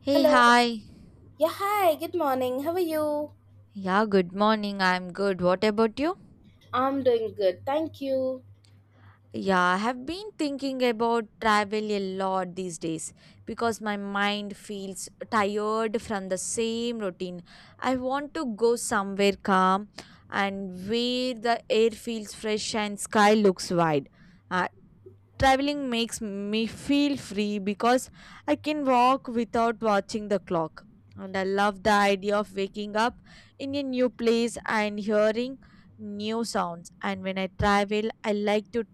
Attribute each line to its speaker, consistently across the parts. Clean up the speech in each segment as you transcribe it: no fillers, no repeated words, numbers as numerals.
Speaker 1: Hey,
Speaker 2: Hello.
Speaker 1: hi.
Speaker 2: Yeah, hi. Good morning. How are you?
Speaker 1: Yeah, good morning. I'm good. What about you?
Speaker 2: I'm doing good. Thank you.
Speaker 1: Yeah, I have been thinking about travel a lot these days because my mind feels tired from the same routine. I want to go somewhere calm and where the air feels fresh and sky looks wide. I Traveling makes me feel free because I can walk without watching the clock. And I love the idea of waking up in a new place and hearing new sounds. And when I travel, I like to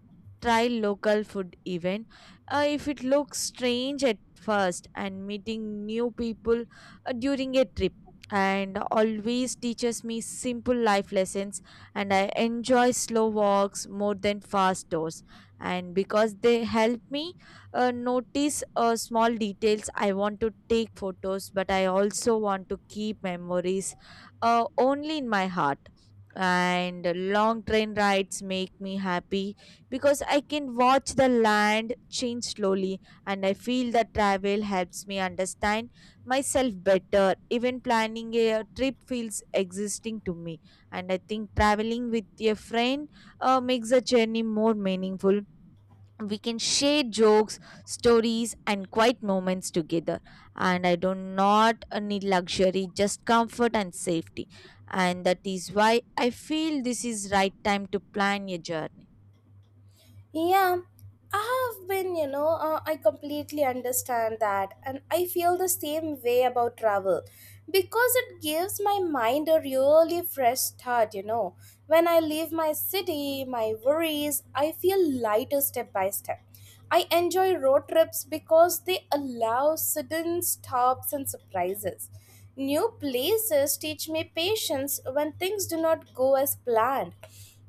Speaker 1: try local food even if it looks strange at first, and meeting new people during a trip and always teaches me simple life lessons. And I enjoy slow walks more than fast tours and because they help me notice small details. I want to take photos but I also want to keep memories only in my heart. And long train rides make me happy because I can watch the land change slowly, and I feel that travel helps me understand myself better. Even planning a trip feels existing to me, and I think traveling with a friend makes the journey more meaningful. We can share jokes, stories and quiet moments together. And I do not need luxury, just comfort and safety. And that is why I feel this is right time to plan your journey.
Speaker 2: Yeah, I have been, you know, I completely understand that. And I feel the same way about travel. Because it gives my mind a really fresh start. When I leave my city, my worries, I feel lighter step by step. I enjoy road trips because they allow sudden stops and surprises. New places teach me patience when things do not go as planned.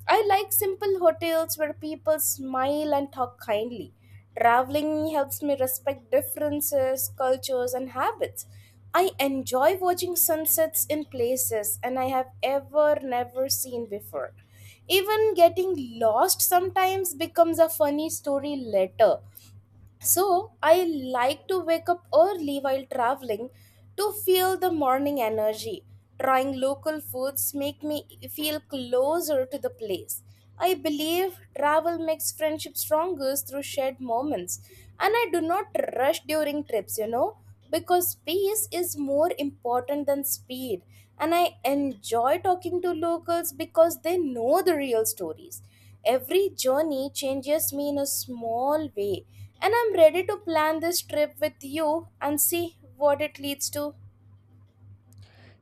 Speaker 2: I like simple hotels where people smile and talk kindly. Traveling helps me respect differences, cultures, and habits. I enjoy watching sunsets in places and I have ever never seen before. Even getting lost sometimes becomes a funny story later. So I like to wake up early while traveling to feel the morning energy. Trying local foods make me feel closer to the place. I believe travel makes friendship stronger through shared moments. And I do not rush during trips, because peace is more important than speed. And I enjoy talking to locals because they know the real stories. Every journey changes me in a small way, and I'm ready to plan this trip with you and see what it leads to.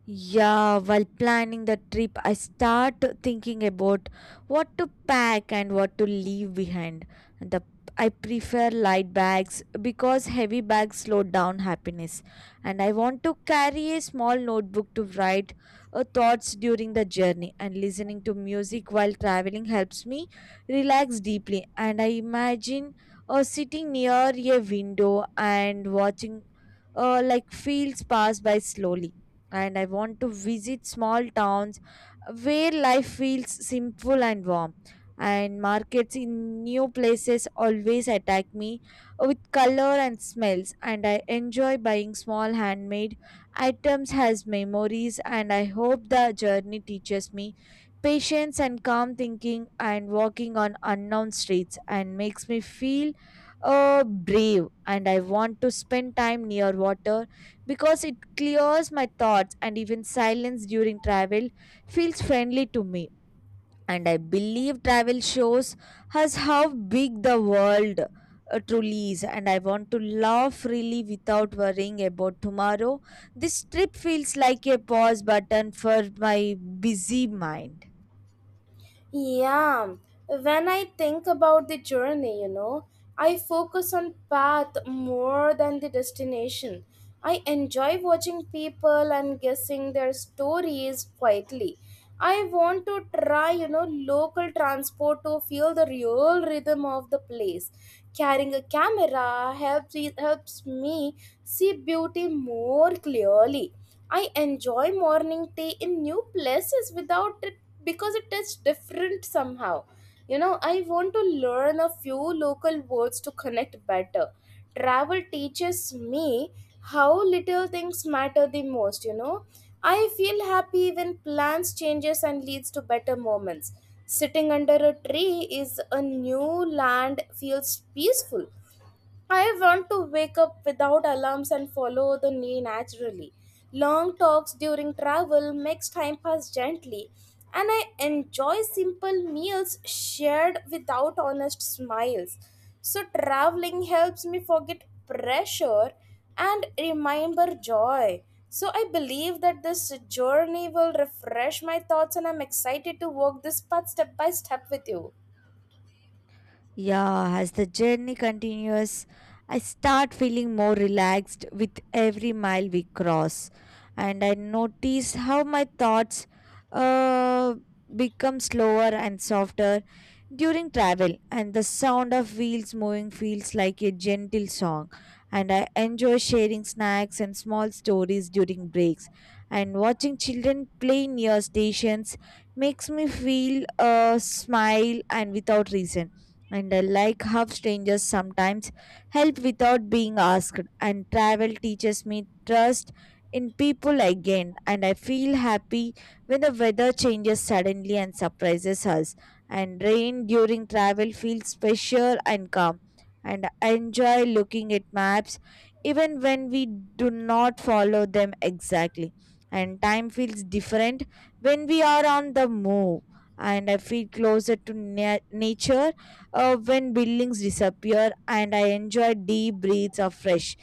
Speaker 1: Yeah, while planning the trip, I start thinking about what to pack and what to leave behind. And the I prefer light bags because heavy bags slow down happiness. And I want to carry a small notebook to write thoughts during the journey. And listening to music while traveling helps me relax deeply. And I imagine sitting near a window and watching like fields pass by slowly, and I want to visit small towns where life feels simple and warm. And markets in new places always attack me with color and smells, and I enjoy buying small handmade items as memories. And I hope the journey teaches me patience and calm thinking, and walking on unknown streets, and makes me feel brave. And I want to spend time near water because it clears my thoughts, and even silence during travel feels friendly to me. And I believe travel shows us how big the world truly is. And I want to laugh freely without worrying about tomorrow. This trip feels like a pause button for my busy mind.
Speaker 2: Yeah, when I think about the journey, I focus on path more than the destination. I enjoy watching people and guessing their stories quietly. I want to try local transport to feel the real rhythm of the place. Carrying a camera helps me see beauty more clearly. I enjoy morning tea in new places without it because it is different somehow. You know, I want to learn a few local words to connect better. Travel teaches me how little things matter the most. I feel happy when plans changes and leads to better moments. Sitting under a tree is a new land feels peaceful. I want to wake up without alarms and follow the day naturally. Long talks during travel makes time pass gently, and I enjoy simple meals shared without honest smiles. So traveling helps me forget pressure and remember joy. So I believe that this journey will refresh my thoughts and I'm excited to walk this path step by step with you.
Speaker 1: Yeah, as the journey continues, I start feeling more relaxed with every mile we cross. And I notice how my thoughts uh, become slower and softer during travel. And the sound of wheels moving feels like a gentle song. And I enjoy sharing snacks and small stories during breaks. And watching children play near stations makes me feel a smile and without reason. And I like how strangers sometimes help without being asked. And travel teaches me trust in people again, and I feel happy when the weather changes suddenly and surprises us. And rain during travel feels special and calm. And I enjoy looking at maps even when we do not follow them exactly. And time feels different when we are on the move. And I feel closer to nature when buildings disappear, and I enjoy deep breaths of fresh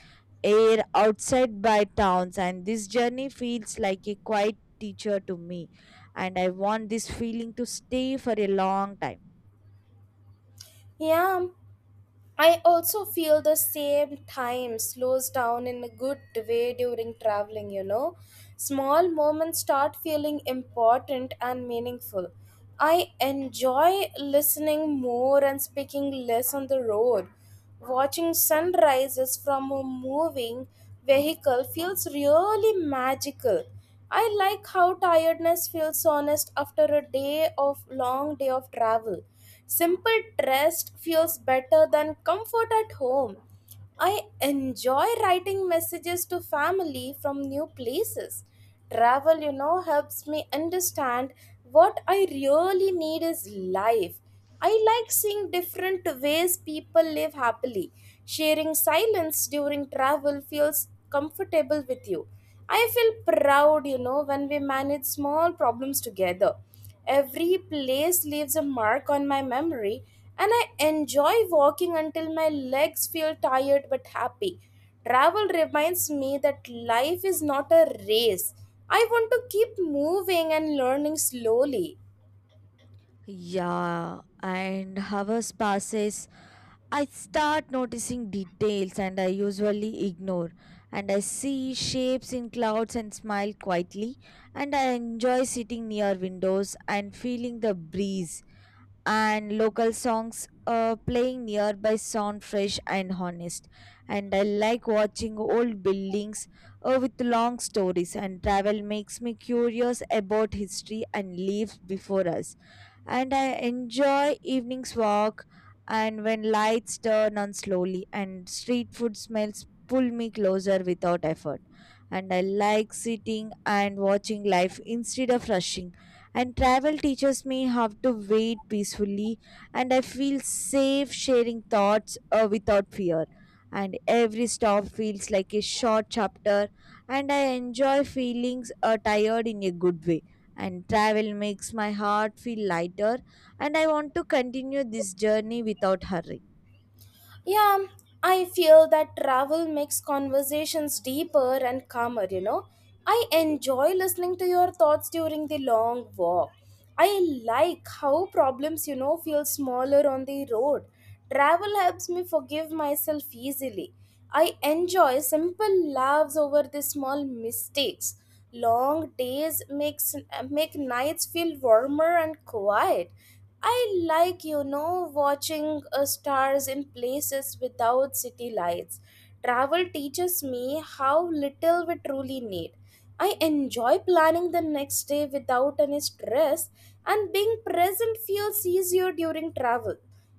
Speaker 1: air outside by towns. And this journey feels like a quiet teacher to me, and I want this feeling to stay for a long time.
Speaker 2: Yeah, I also feel the same time slows down in a good way during traveling. Small moments start feeling important and meaningful. I enjoy listening more and speaking less on the road. Watching sunrises from a moving vehicle feels really magical. I like how tiredness feels honest after a day of long day of travel. Simple rest feels better than comfort at home. I enjoy writing messages to family from new places. Travel helps me understand what I really need is life. I like seeing different ways people live happily. Sharing silence during travel feels comfortable with you. I feel proud when we manage small problems together. Every place leaves a mark on my memory, and I enjoy walking until my legs feel tired but happy. Travel reminds me that life is not a race. I want to keep moving and learning slowly.
Speaker 1: Yeah, and hours passes. I start noticing details and I usually ignore. And I see shapes in clouds and smile quietly. And I enjoy sitting near windows and feeling the breeze, and local songs playing nearby sound fresh and honest. And I like watching old buildings with long stories, and travel makes me curious about history and lives before us. And I enjoy evening's walk, and when lights turn on slowly and street food smells pull me closer without effort. And I like sitting and watching life instead of rushing, and travel teaches me how to wait peacefully. And i feel safe sharing thoughts without fear, and every stop feels like a short chapter. And i enjoy feelings tired in a good way, and travel makes my heart feel lighter, and I want to continue this journey without hurry.
Speaker 2: Yeah, I feel that travel makes conversations deeper and calmer. I enjoy listening to your thoughts during the long walk. I like how problems feel smaller on the road. Travel helps me forgive myself easily. I enjoy simple laughs over the small mistakes. Long days makes make nights feel warmer and quiet. I like watching stars in places without city lights. Travel teaches me how little we truly need. I enjoy planning the next day without any stress, and being present feels easier during travel.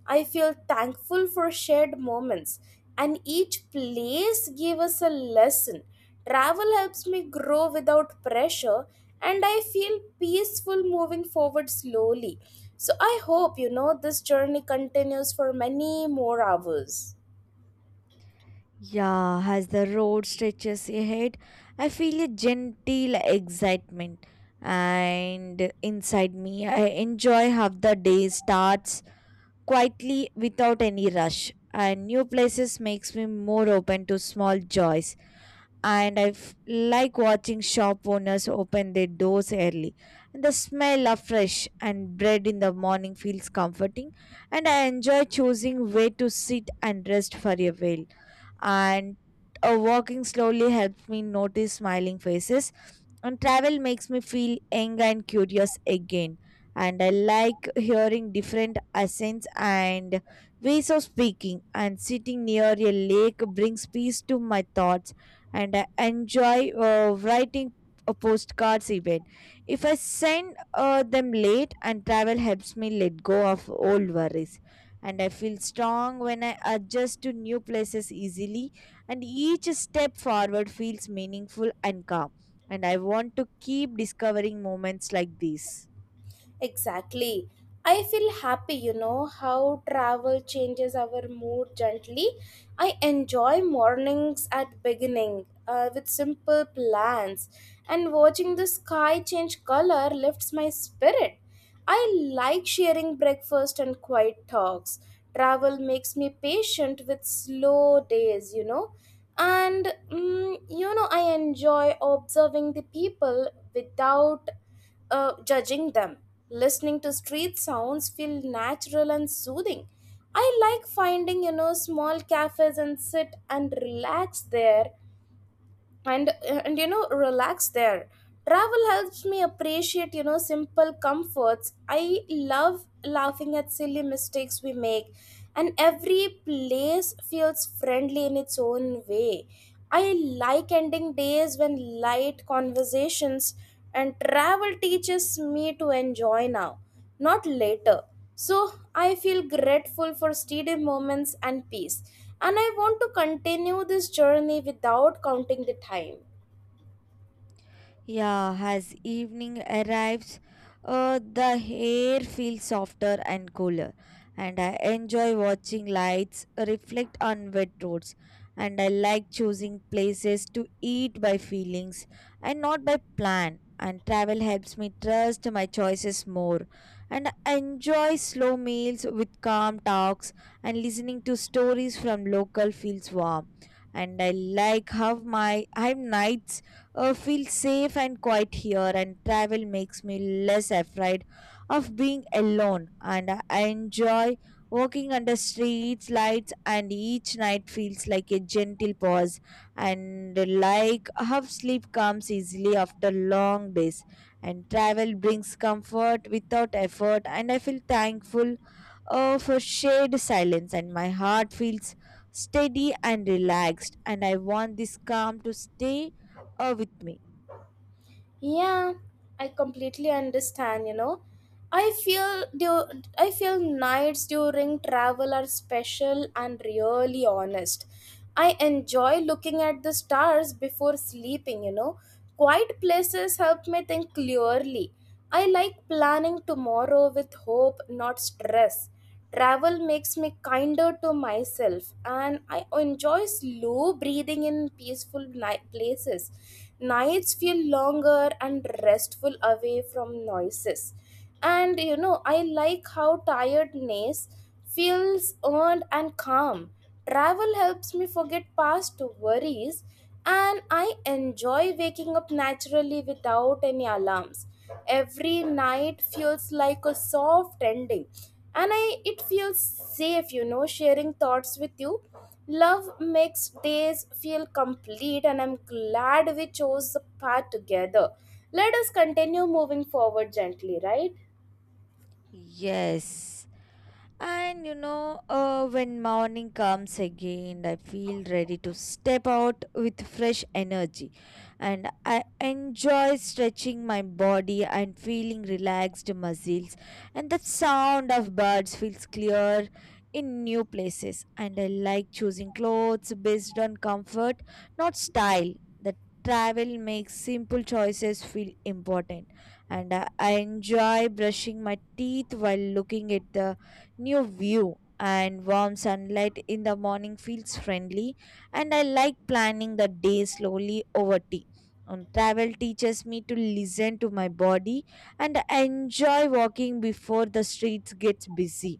Speaker 2: I feel thankful for shared moments, and each place gave us a lesson. Travel helps me grow without pressure, and I feel peaceful moving forward slowly. So I hope this journey continues for many more hours.
Speaker 1: Yeah, as the road stretches ahead, I feel a gentle excitement, and inside me I enjoy how the day starts quietly without any rush. And new places makes me more open to small joys, and I like watching shop owners open their doors early. And the smell of fresh and bread in the morning feels comforting, and I enjoy choosing where to sit and rest for a while, and walking slowly helps me notice smiling faces. And travel makes me feel young and curious again, and I like hearing different accents and ways of speaking. And sitting near a lake brings peace to my thoughts, and I enjoy writing a postcards even if I send them late. And travel helps me let go of old worries, and I feel strong when I adjust to new places easily, and each step forward feels meaningful and calm. And I want to keep discovering moments like these.
Speaker 2: Exactly. I feel happy how travel changes our mood gently. I enjoy mornings at beginning with simple plans and watching the sky change color lifts my spirit. I like sharing breakfast and quiet talks. Travel makes me patient with slow days. And I enjoy observing the people without judging them. Listening to street sounds feel natural and soothing. I like finding small cafes and sit and relax there and relax there. Travel helps me appreciate simple comforts. I love laughing at silly mistakes we make, and every place feels friendly in its own way. I like ending days when light conversations, and travel teaches me to enjoy now, not later. So I feel grateful for steady moments and peace, and I want to continue this journey without counting the time.
Speaker 1: Yeah, as evening arrives, the air feels softer and cooler, and I enjoy watching lights reflect on wet roads. And I like choosing places to eat by feelings and not by plan. And travel helps me trust my choices more. And I enjoy slow meals with calm talks, and listening to stories from local feels warm. And I like how my I have nights feel safe and quiet here, and travel makes me less afraid of being alone. And I enjoy walking under streets, lights, and each night feels like a gentle pause, and like how sleep comes easily after long days. And travel brings comfort without effort, and I feel thankful for shared silence, and my heart feels steady and relaxed, and I want this calm to stay with me.
Speaker 2: Yeah, I completely understand, you know. I feel nights during travel are special and really honest. I enjoy looking at the stars before sleeping. Quiet places help me think clearly. I like planning tomorrow with hope, not stress. Travel makes me kinder to myself, and I enjoy slow breathing in peaceful night places. Nights feel longer and restful away from noises. And I like how tiredness feels earned and calm. Travel helps me forget past worries, and I enjoy waking up naturally without any alarms. Every night feels like a soft ending, and I it feels safe, sharing thoughts with you. Love makes days feel complete, and I'm glad we chose the path together. Let us continue moving forward gently, right?
Speaker 1: Yes. And you know, when morning comes again, I feel ready to step out with fresh energy. And I enjoy stretching my body and feeling relaxed muscles. And the sound of birds feels clear in new places. And I like choosing clothes based on comfort, not style. The Travel makes simple choices feel important. And I enjoy brushing my teeth while looking at the new view, and warm sunlight in the morning feels friendly. And I like planning the day slowly over tea. Travel teaches me to listen to my body, and I enjoy walking before the streets gets busy.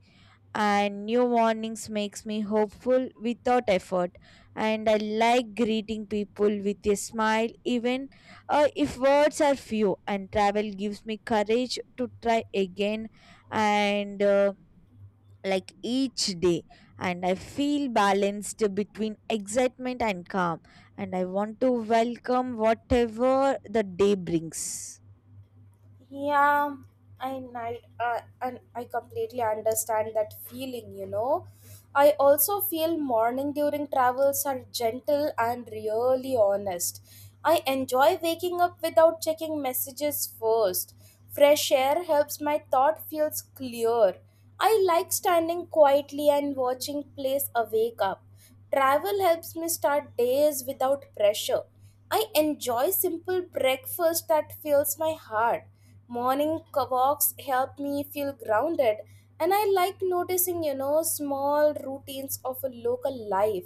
Speaker 1: And new mornings makes me hopeful without effort, and I like greeting people with a smile even if words are few. And travel gives me courage to try again, and like each day, and I feel balanced between excitement and calm, and I want to welcome whatever the day brings.
Speaker 2: Yeah, and I completely understand that feeling. I also feel morning during travels are gentle and really honest. I enjoy waking up without checking messages first. Fresh air helps my thought feels clear. I like standing quietly and watching place awake up. Travel helps me start days without pressure. I enjoy simple breakfast that fills my heart. Morning walks help me feel grounded, and I like noticing small routines of a local life.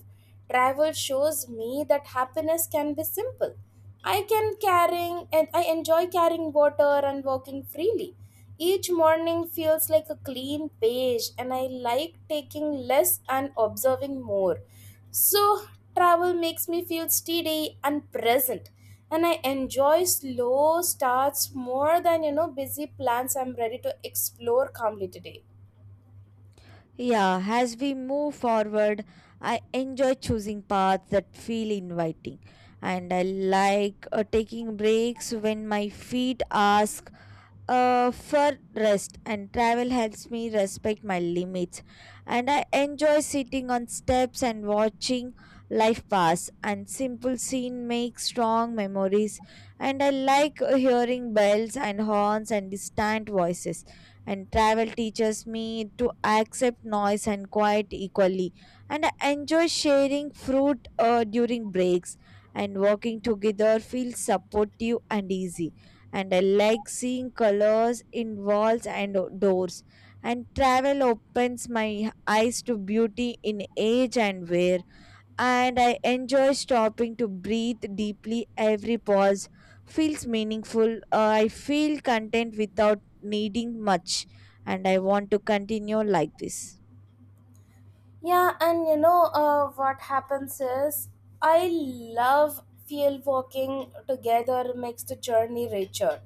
Speaker 2: Travel shows me that happiness can be simple. I enjoy carrying water and walking freely. Each morning feels like a clean page and I like taking less and observing more. So travel makes me feel steady and present and I enjoy slow starts more than busy plans. I'm ready to explore calmly today.
Speaker 1: Yeah, as we move forward, I enjoy choosing paths that feel inviting, and I like taking breaks when my feet ask for rest. And travel helps me respect my limits, and I enjoy sitting on steps and watching life pass. And simple scene makes strong memories, and I like hearing bells and horns and distant voices. And travel teaches me to accept noise and quiet equally, and I enjoy sharing fruit during breaks. And working together feels supportive and easy, and I like seeing colors in walls and doors. And travel opens my eyes to beauty in age and wear. And I enjoy stopping to breathe deeply. Every pause feels meaningful. I feel content without needing much. And I want to continue like this.
Speaker 2: Yeah, and you know what happens is I love field walking together makes the journey richer.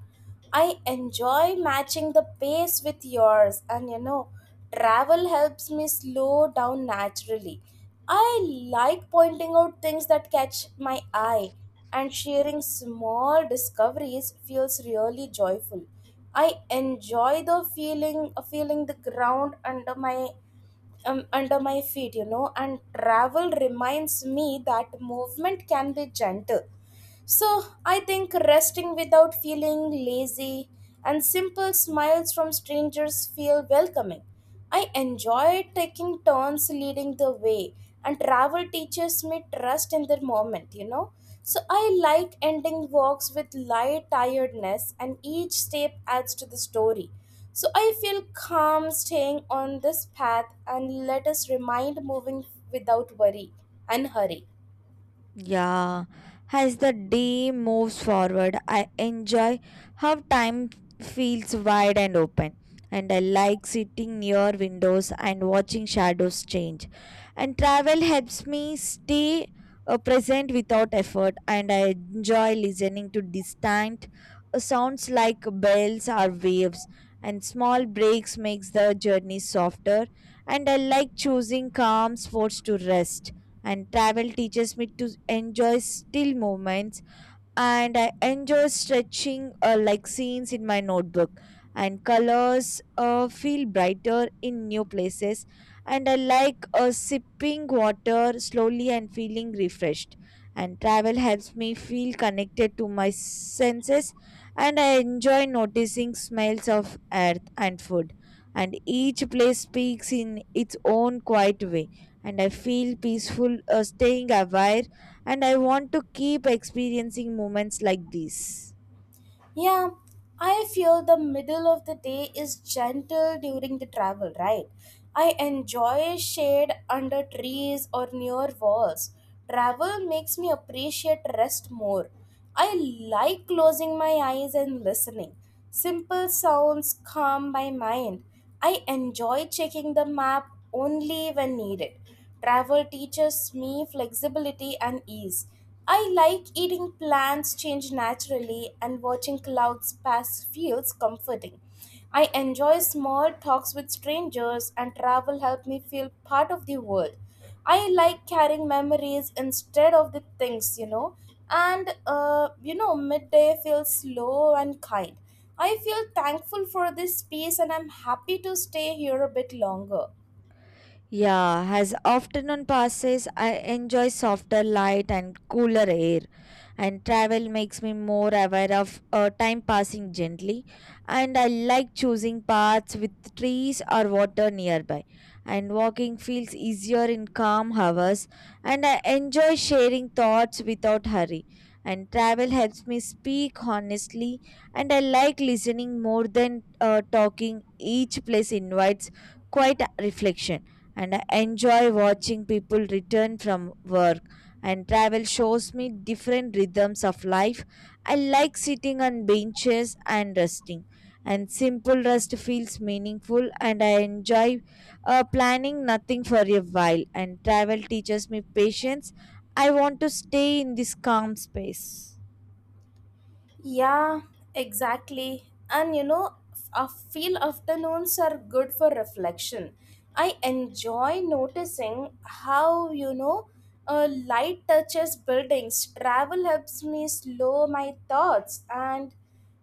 Speaker 2: I enjoy matching the pace with yours, and travel helps me slow down naturally. I like pointing out things that catch my eye, and sharing small discoveries feels really joyful. I enjoy feeling the ground under my feet, and travel reminds me that movement can be gentle. So I think resting without feeling lazy and simple smiles from strangers feel welcoming. I enjoy taking turns leading the way, and travel teaches me trust in the moment. So I like ending walks with light tiredness, and each step adds to the story. So I feel calm staying on this path and let us remind moving without worry and hurry.
Speaker 1: Yeah, as the day moves forward, I enjoy how time feels wide and open. And I like sitting near windows and watching shadows change. And travel helps me stay present without effort. And I enjoy listening to distant sounds like bells or waves. And small breaks makes the journey softer. And I like choosing calm spots to rest, and travel teaches me to enjoy still moments. And I enjoy stretching like scenes in my notebook. And colors feel brighter in new places. And I like sipping water slowly and feeling refreshed. And travel helps me feel connected to my senses. And I enjoy noticing smells of earth and food. And each place speaks in its own quiet way. And I feel peaceful staying aware, and I want to keep experiencing moments like these.
Speaker 2: Yeah, I feel the middle of the day is gentle during the travel, right? I enjoy shade under trees or near walls. Travel makes me appreciate rest more. I like closing my eyes and listening. Simple sounds calm my mind. I enjoy checking the map only when needed. Travel teaches me flexibility and ease. I like eating plants change naturally and watching clouds pass feels comforting. I enjoy small talks with strangers and travel help me feel part of the world. I like carrying memories instead of the things. And midday feels slow and kind. I feel thankful for this space and I'm happy to stay here a bit longer.
Speaker 1: Yeah, as afternoon passes, I enjoy softer light and cooler air, and travel makes me more aware of time passing gently. And I like choosing paths with trees or water nearby, and walking feels easier in calm hours. And I enjoy sharing thoughts without hurry. And travel helps me speak honestly, and I like listening more than talking. Each place invites quite reflection, and I enjoy watching people return from work. And travel shows me different rhythms of life. I like sitting on benches and resting, and simple rest feels meaningful. And I enjoy planning nothing for a while. And travel teaches me patience. I want to stay in this calm space.
Speaker 2: Yeah, exactly. And I feel afternoons are good for reflection. I enjoy noticing how light touches buildings. Travel helps me slow my thoughts and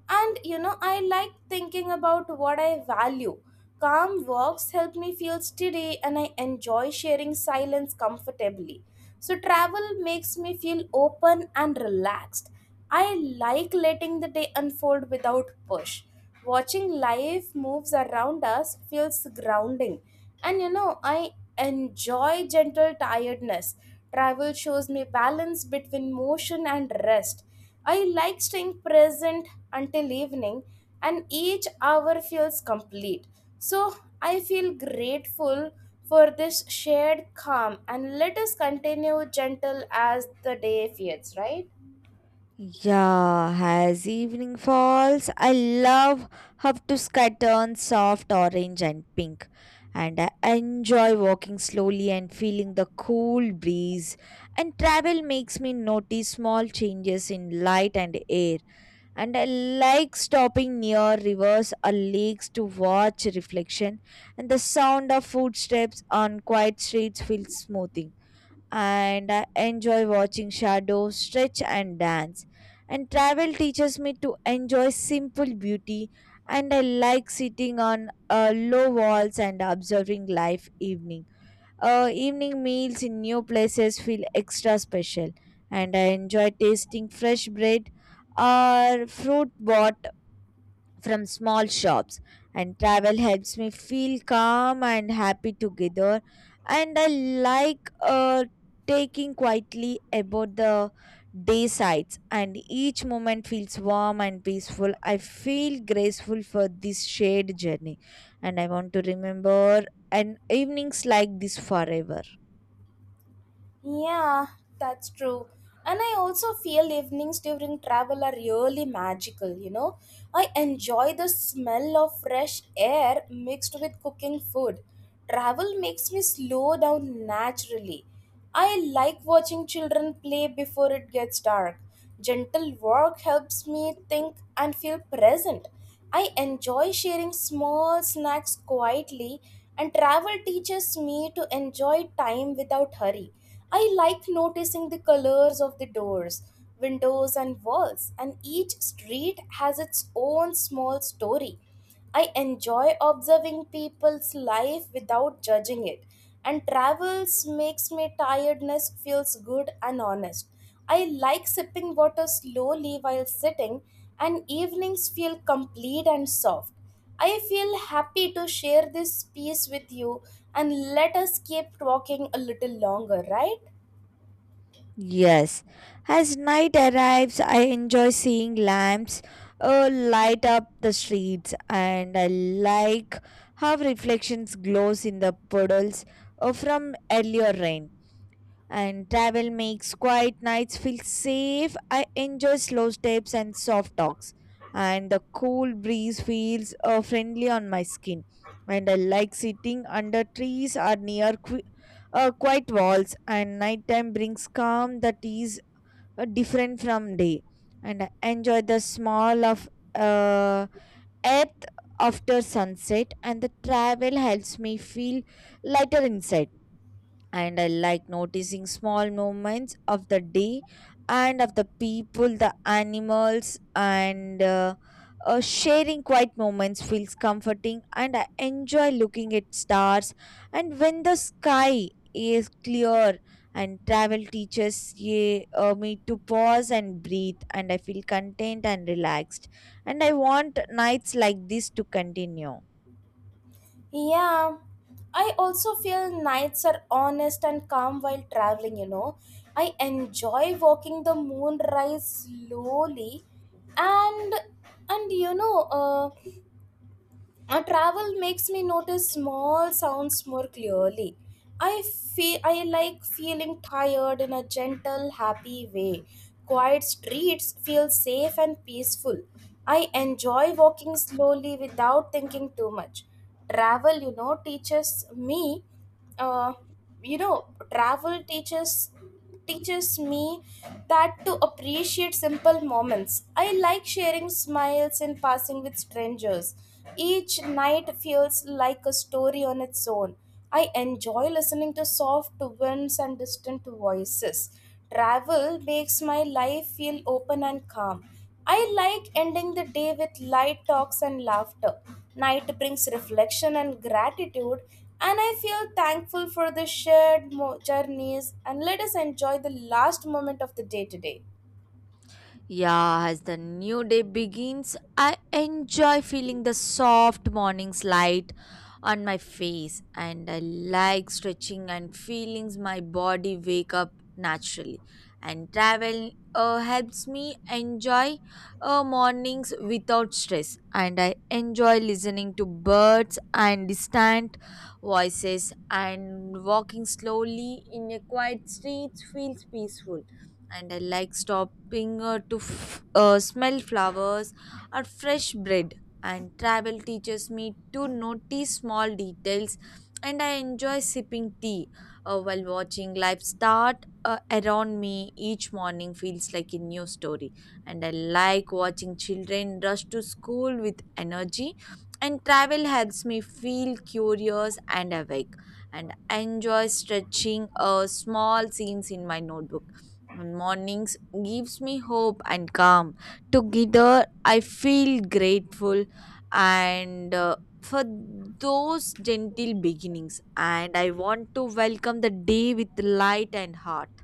Speaker 2: I like thinking about what I value. Calm walks help me feel steady and I enjoy sharing silence comfortably. So, travel makes me feel open and relaxed. I like letting the day unfold without push. Watching life moves around us feels grounding. And I enjoy gentle tiredness. Travel shows me balance between motion and rest. I like staying present until evening, and each hour feels complete. So I feel grateful for this shared calm, and let us continue gentle as the day fades, right?
Speaker 1: Yeah, as evening falls, I love how to sky turns soft orange and pink. And I enjoy walking slowly and feeling the cool breeze. And travel makes me notice small changes in light and air. And I like stopping near rivers or lakes to watch reflection. And the sound of footsteps on quiet streets feels smoothing, and I enjoy watching shadows stretch and dance. And travel teaches me to enjoy simple beauty, and I like sitting on low walls and observing life evening. Evening meals in new places feel extra special, and I enjoy tasting fresh bread or fruit bought from small shops, and travel helps me feel calm and happy together. And I like uh, taking quietly about the day sides, and each moment feels warm and peaceful. I feel graceful for this shared journey, and I want to remember an evenings like this forever.
Speaker 2: Yeah, that's true. And I also feel evenings during travel are really magical. I enjoy the smell of fresh air mixed with cooking food. Travel makes me slow down naturally. I like watching children play before it gets dark. Gentle work helps me think and feel present. I enjoy sharing small snacks quietly, and travel teaches me to enjoy time without hurry. I like noticing the colors of the doors, windows, and walls, and each street has its own small story. I enjoy observing people's life without judging it, and travels makes me tiredness feels good and honest. I like sipping water slowly while sitting, and evenings feel complete and soft. I feel happy to share this piece with you, and let us keep talking a little longer, right?
Speaker 1: Yes, as night arrives, I enjoy seeing lamps light up the streets, and I like how reflections glows in the puddles from earlier rain, and travel makes quiet nights feel safe. I enjoy slow steps and soft talks, and the cool breeze feels friendly on my skin. And I like sitting under trees or near quiet walls, and nighttime brings calm that is different from day. And I enjoy the smell of uh, earth after sunset, and the travel helps me feel lighter inside, and I like noticing small moments of the day and of the people, the animals, and sharing quiet moments feels comforting. And I enjoy looking at stars. And when the sky is clear, and travel teaches me to pause and breathe, and I feel content and relaxed. And I want nights like this to continue.
Speaker 2: Yeah, I also feel nights are honest and calm while traveling, you know. I enjoy walking the moonrise slowly and and a travel makes me notice small sounds more clearly. I feel I like feeling tired in a gentle, happy way. Quiet streets feel safe and peaceful. I enjoy walking slowly without thinking too much. Travel, you know, teaches me uh, you know, travel teaches teaches me that to appreciate simple moments. I like sharing smiles and passing with strangers. Each night feels like a story on its own. I enjoy listening to soft winds and distant voices. Travel makes my life feel open and calm. I like ending the day with light talks and laughter. Night brings reflection and gratitude, and I feel thankful for the shared journeys. And let us enjoy the last moment of the day today.
Speaker 1: Yeah, as the new day begins, I enjoy feeling the soft morning's light on my face, and I like stretching and feeling my body wake up naturally. And travel helps me enjoy mornings without stress, and I enjoy listening to birds and distant voices, and walking slowly in a quiet street feels peaceful. And I like stopping to smell flowers or fresh bread. And travel teaches me to notice small details, and I enjoy sipping tea while watching life start around me. Each morning feels like a new story, and I like watching children rush to school with energy. And travel helps me feel curious and awake, and I enjoy stretching small scenes in my notebook, and mornings gives me hope and calm together. I feel grateful and for those gentle beginnings, and I want to welcome the day with light and heart.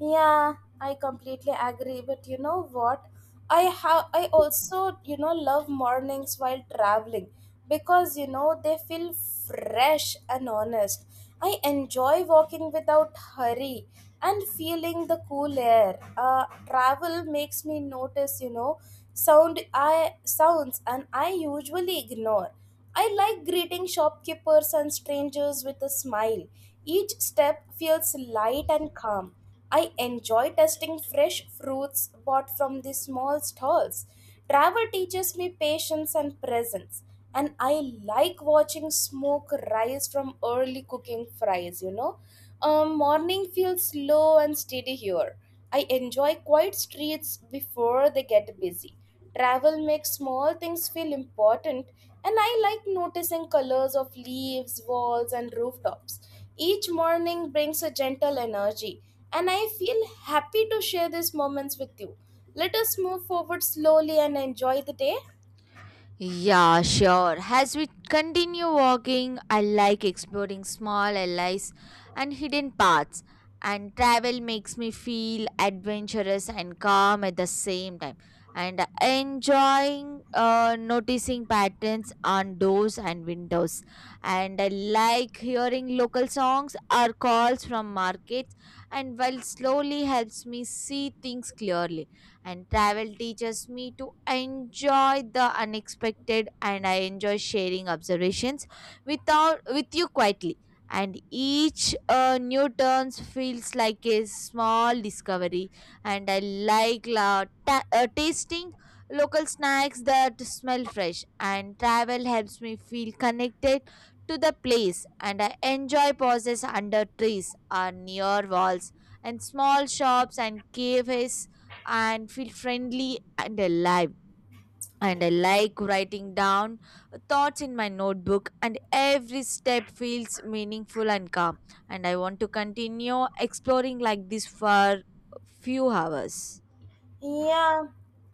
Speaker 2: Yeah, I completely agree. But you know what? I have I also, you know, love mornings while traveling because you know they feel fresh and honest. I enjoy walking without hurry and feeling the cool air. Travel makes me notice, you know, sounds and I usually ignore. I like greeting shopkeepers and strangers with a smile. Each step feels light and calm. I enjoy tasting fresh fruits bought from the small stalls. Travel teaches me patience and presence. And I like watching smoke rise from early cooking fries, you know. Morning feels slow and steady here. I enjoy quiet streets before they get busy. Travel makes small things feel important, and I like noticing colors of leaves, walls, and rooftops. Each morning brings a gentle energy, and I feel happy to share these moments with you. Let us move forward slowly and enjoy the day.
Speaker 1: Yeah, sure. As we continue walking, I like exploring small alleys and hidden paths. And travel makes me feel adventurous and calm at the same time. And enjoying noticing patterns on doors and windows. And I like hearing local songs or calls from markets, and while slowly helps me see things clearly, and travel teaches me to enjoy the unexpected. And I enjoy sharing observations without with you quietly, and each new turns feels like a small discovery. And I like tasting local snacks that smell fresh, and travel helps me feel connected to the place. And I enjoy pauses under trees or near walls and small shops and cafes, and feel friendly and alive. And I like writing down thoughts in my notebook, and every step feels meaningful and calm. And I want to continue exploring like this for few hours.
Speaker 2: Yeah,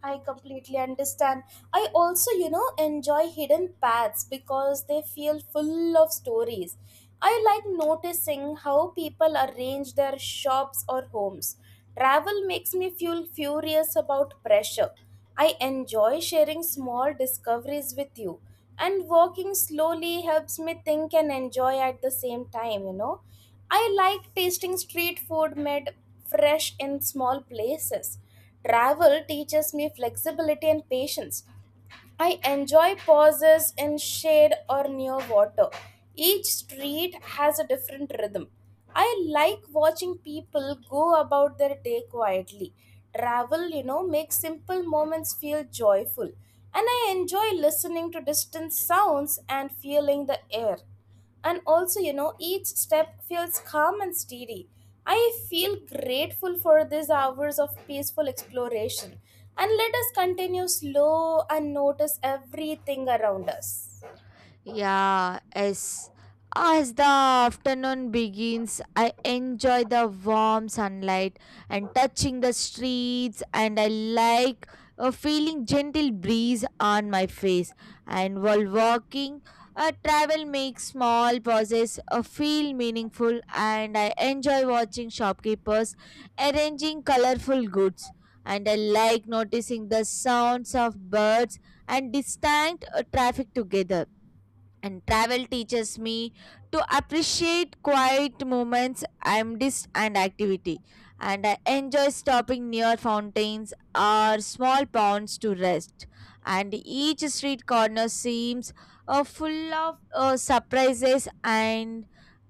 Speaker 2: I completely understand. I also, you know, enjoy hidden paths because they feel full of stories. I like noticing how people arrange their shops or homes. Travel makes me feel furious about pressure. I enjoy sharing small discoveries with you, and walking slowly helps me think and enjoy at the same time, you know. I like tasting street food made fresh in small places. Travel teaches me flexibility and patience. I enjoy pauses in shade or near water. Each street has a different rhythm. I like watching people go about their day quietly. Travel, you know, makes simple moments feel joyful. And I enjoy listening to distant sounds and feeling the air, and also, you know, each step feels calm and steady. I feel grateful for these hours of peaceful exploration, and let us continue slow and notice everything around us.
Speaker 1: Yeah, as the afternoon begins, I enjoy the warm sunlight and touching the streets, and I like a feeling gentle breeze on my face. And while walking, a travel makes small pauses feel meaningful, and I enjoy watching shopkeepers arranging colorful goods. And I like noticing the sounds of birds and distant traffic together, and travel teaches me to appreciate quiet moments and and activity. And I enjoy stopping near fountains or small ponds to rest, and each street corner seems full of surprises. And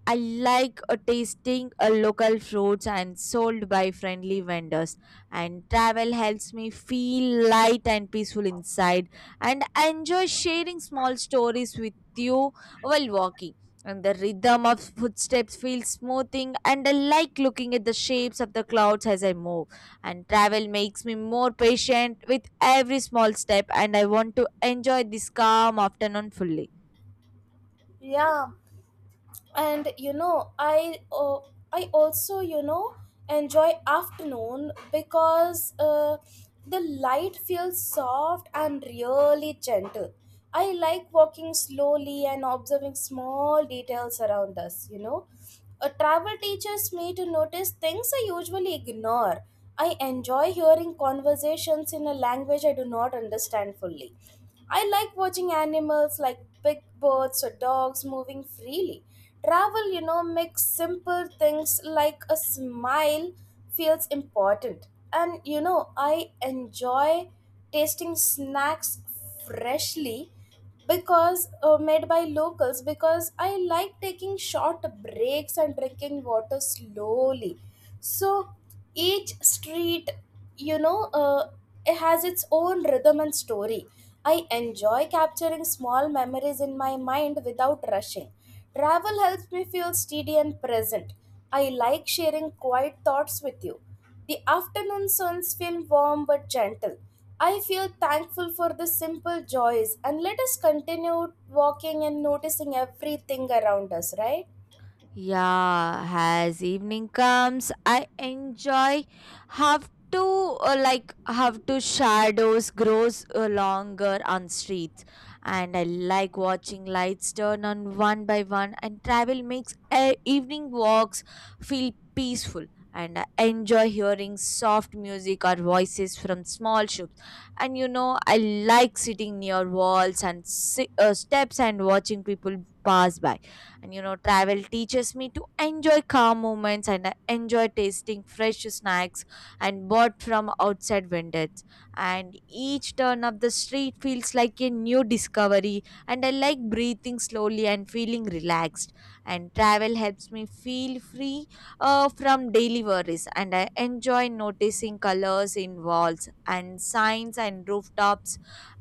Speaker 1: I like tasting local fruits and sold by friendly vendors. And travel helps me feel light and peaceful inside. And I enjoy sharing small stories with you while walking. And the rhythm of footsteps feels smoothing, and I like looking at the shapes of the clouds as I move. And travel makes me more patient with every small step, and I want to enjoy this calm afternoon fully.
Speaker 2: Yeah, and you know I also, you know, enjoy afternoon because the light feels soft and really gentle. I like walking slowly and observing small details around us, you know. A travel teaches me to notice things I usually ignore. I enjoy hearing conversations in a language I do not understand fully. I like watching animals like big birds or dogs moving freely. Travel, you know, makes simple things like a smile feels important. And you know, I enjoy tasting snacks freshly because made by locals because I like taking short breaks and drinking water slowly. So each street, you know, uh, it has its own rhythm and story. I enjoy capturing small memories in my mind without rushing. Travel helps me feel steady and present. I like sharing quiet thoughts with you. The afternoon suns feel warm but gentle. I feel thankful for the simple joys, and let us continue walking and noticing everything around us, right?
Speaker 1: Yeah, as evening comes, I enjoy have to like have to shadows grows longer on streets, and I like watching lights turn on one by one. And travel makes evening walks feel peaceful, and I enjoy hearing soft music or voices from small shops. And you know I like sitting near walls and steps and watching people pass by, and you know, travel teaches me to enjoy calm moments. And I enjoy tasting fresh snacks and bought from outside vendors. And each turn of the street feels like a new discovery, and I like breathing slowly and feeling relaxed. And travel helps me feel free from daily worries, and I enjoy noticing colors in walls and signs and rooftops,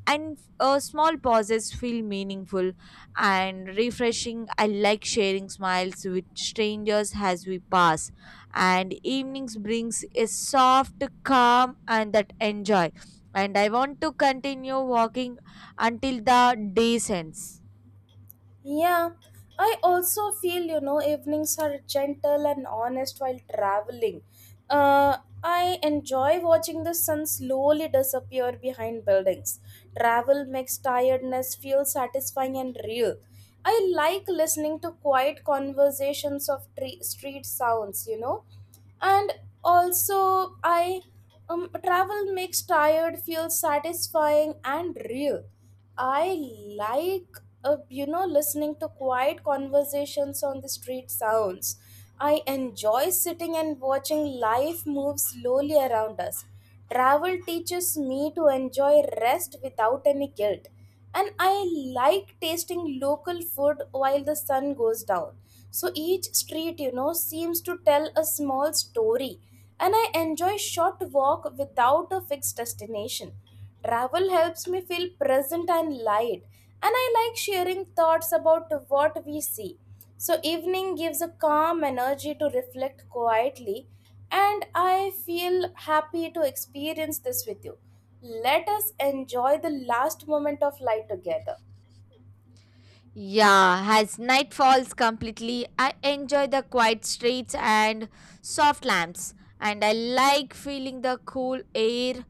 Speaker 1: and small pauses feel meaningful and refreshing. I like sharing smiles with strangers as we pass, and evenings brings a soft calm and that enjoy. And I want to continue walking until the day ends.
Speaker 2: Yeah, I also feel, you know, evenings are gentle and honest while traveling. I enjoy watching the sun slowly disappear behind buildings. Travel makes tiredness feel satisfying and real. I like listening to quiet conversations of street sounds, you know, and also I travel makes tired feel satisfying and real. I like, you know, listening to quiet conversations on the street sounds. I enjoy sitting and watching life move slowly around us. Travel teaches me to enjoy rest without any guilt, and I like tasting local food while the sun goes down. So each street, you know, seems to tell a small story, and I enjoy short walk without a fixed destination. Travel helps me feel present and light, and I like sharing thoughts about what we see. So evening gives a calm energy to reflect quietly, and I feel happy to experience this with you. Let us enjoy the last moment of light together.
Speaker 1: Yeah, as night falls completely, I enjoy the quiet streets and soft lamps, and I like feeling the cool air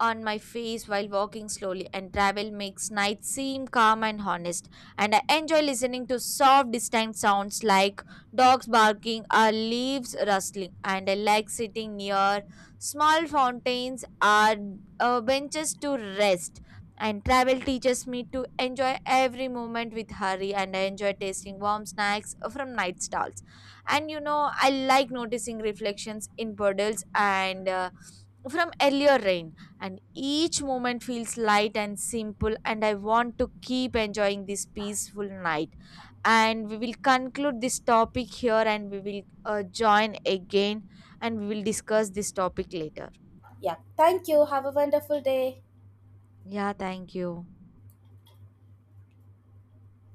Speaker 1: on my face while walking slowly. And travel makes night seem calm and honest, and I enjoy listening to soft, distant sounds like dogs barking or leaves rustling. And I like sitting near small fountains or benches to rest, and travel teaches me to enjoy every moment with hurry, and I enjoy tasting warm snacks from night stalls. And you know, I like noticing reflections in puddles and from earlier rain. And each moment feels light and simple, and I want to keep enjoying this peaceful night. And we will conclude this topic here, and we will join again, and we will discuss this topic later.
Speaker 2: Yeah, thank you. Have a wonderful day.
Speaker 1: Yeah, thank you.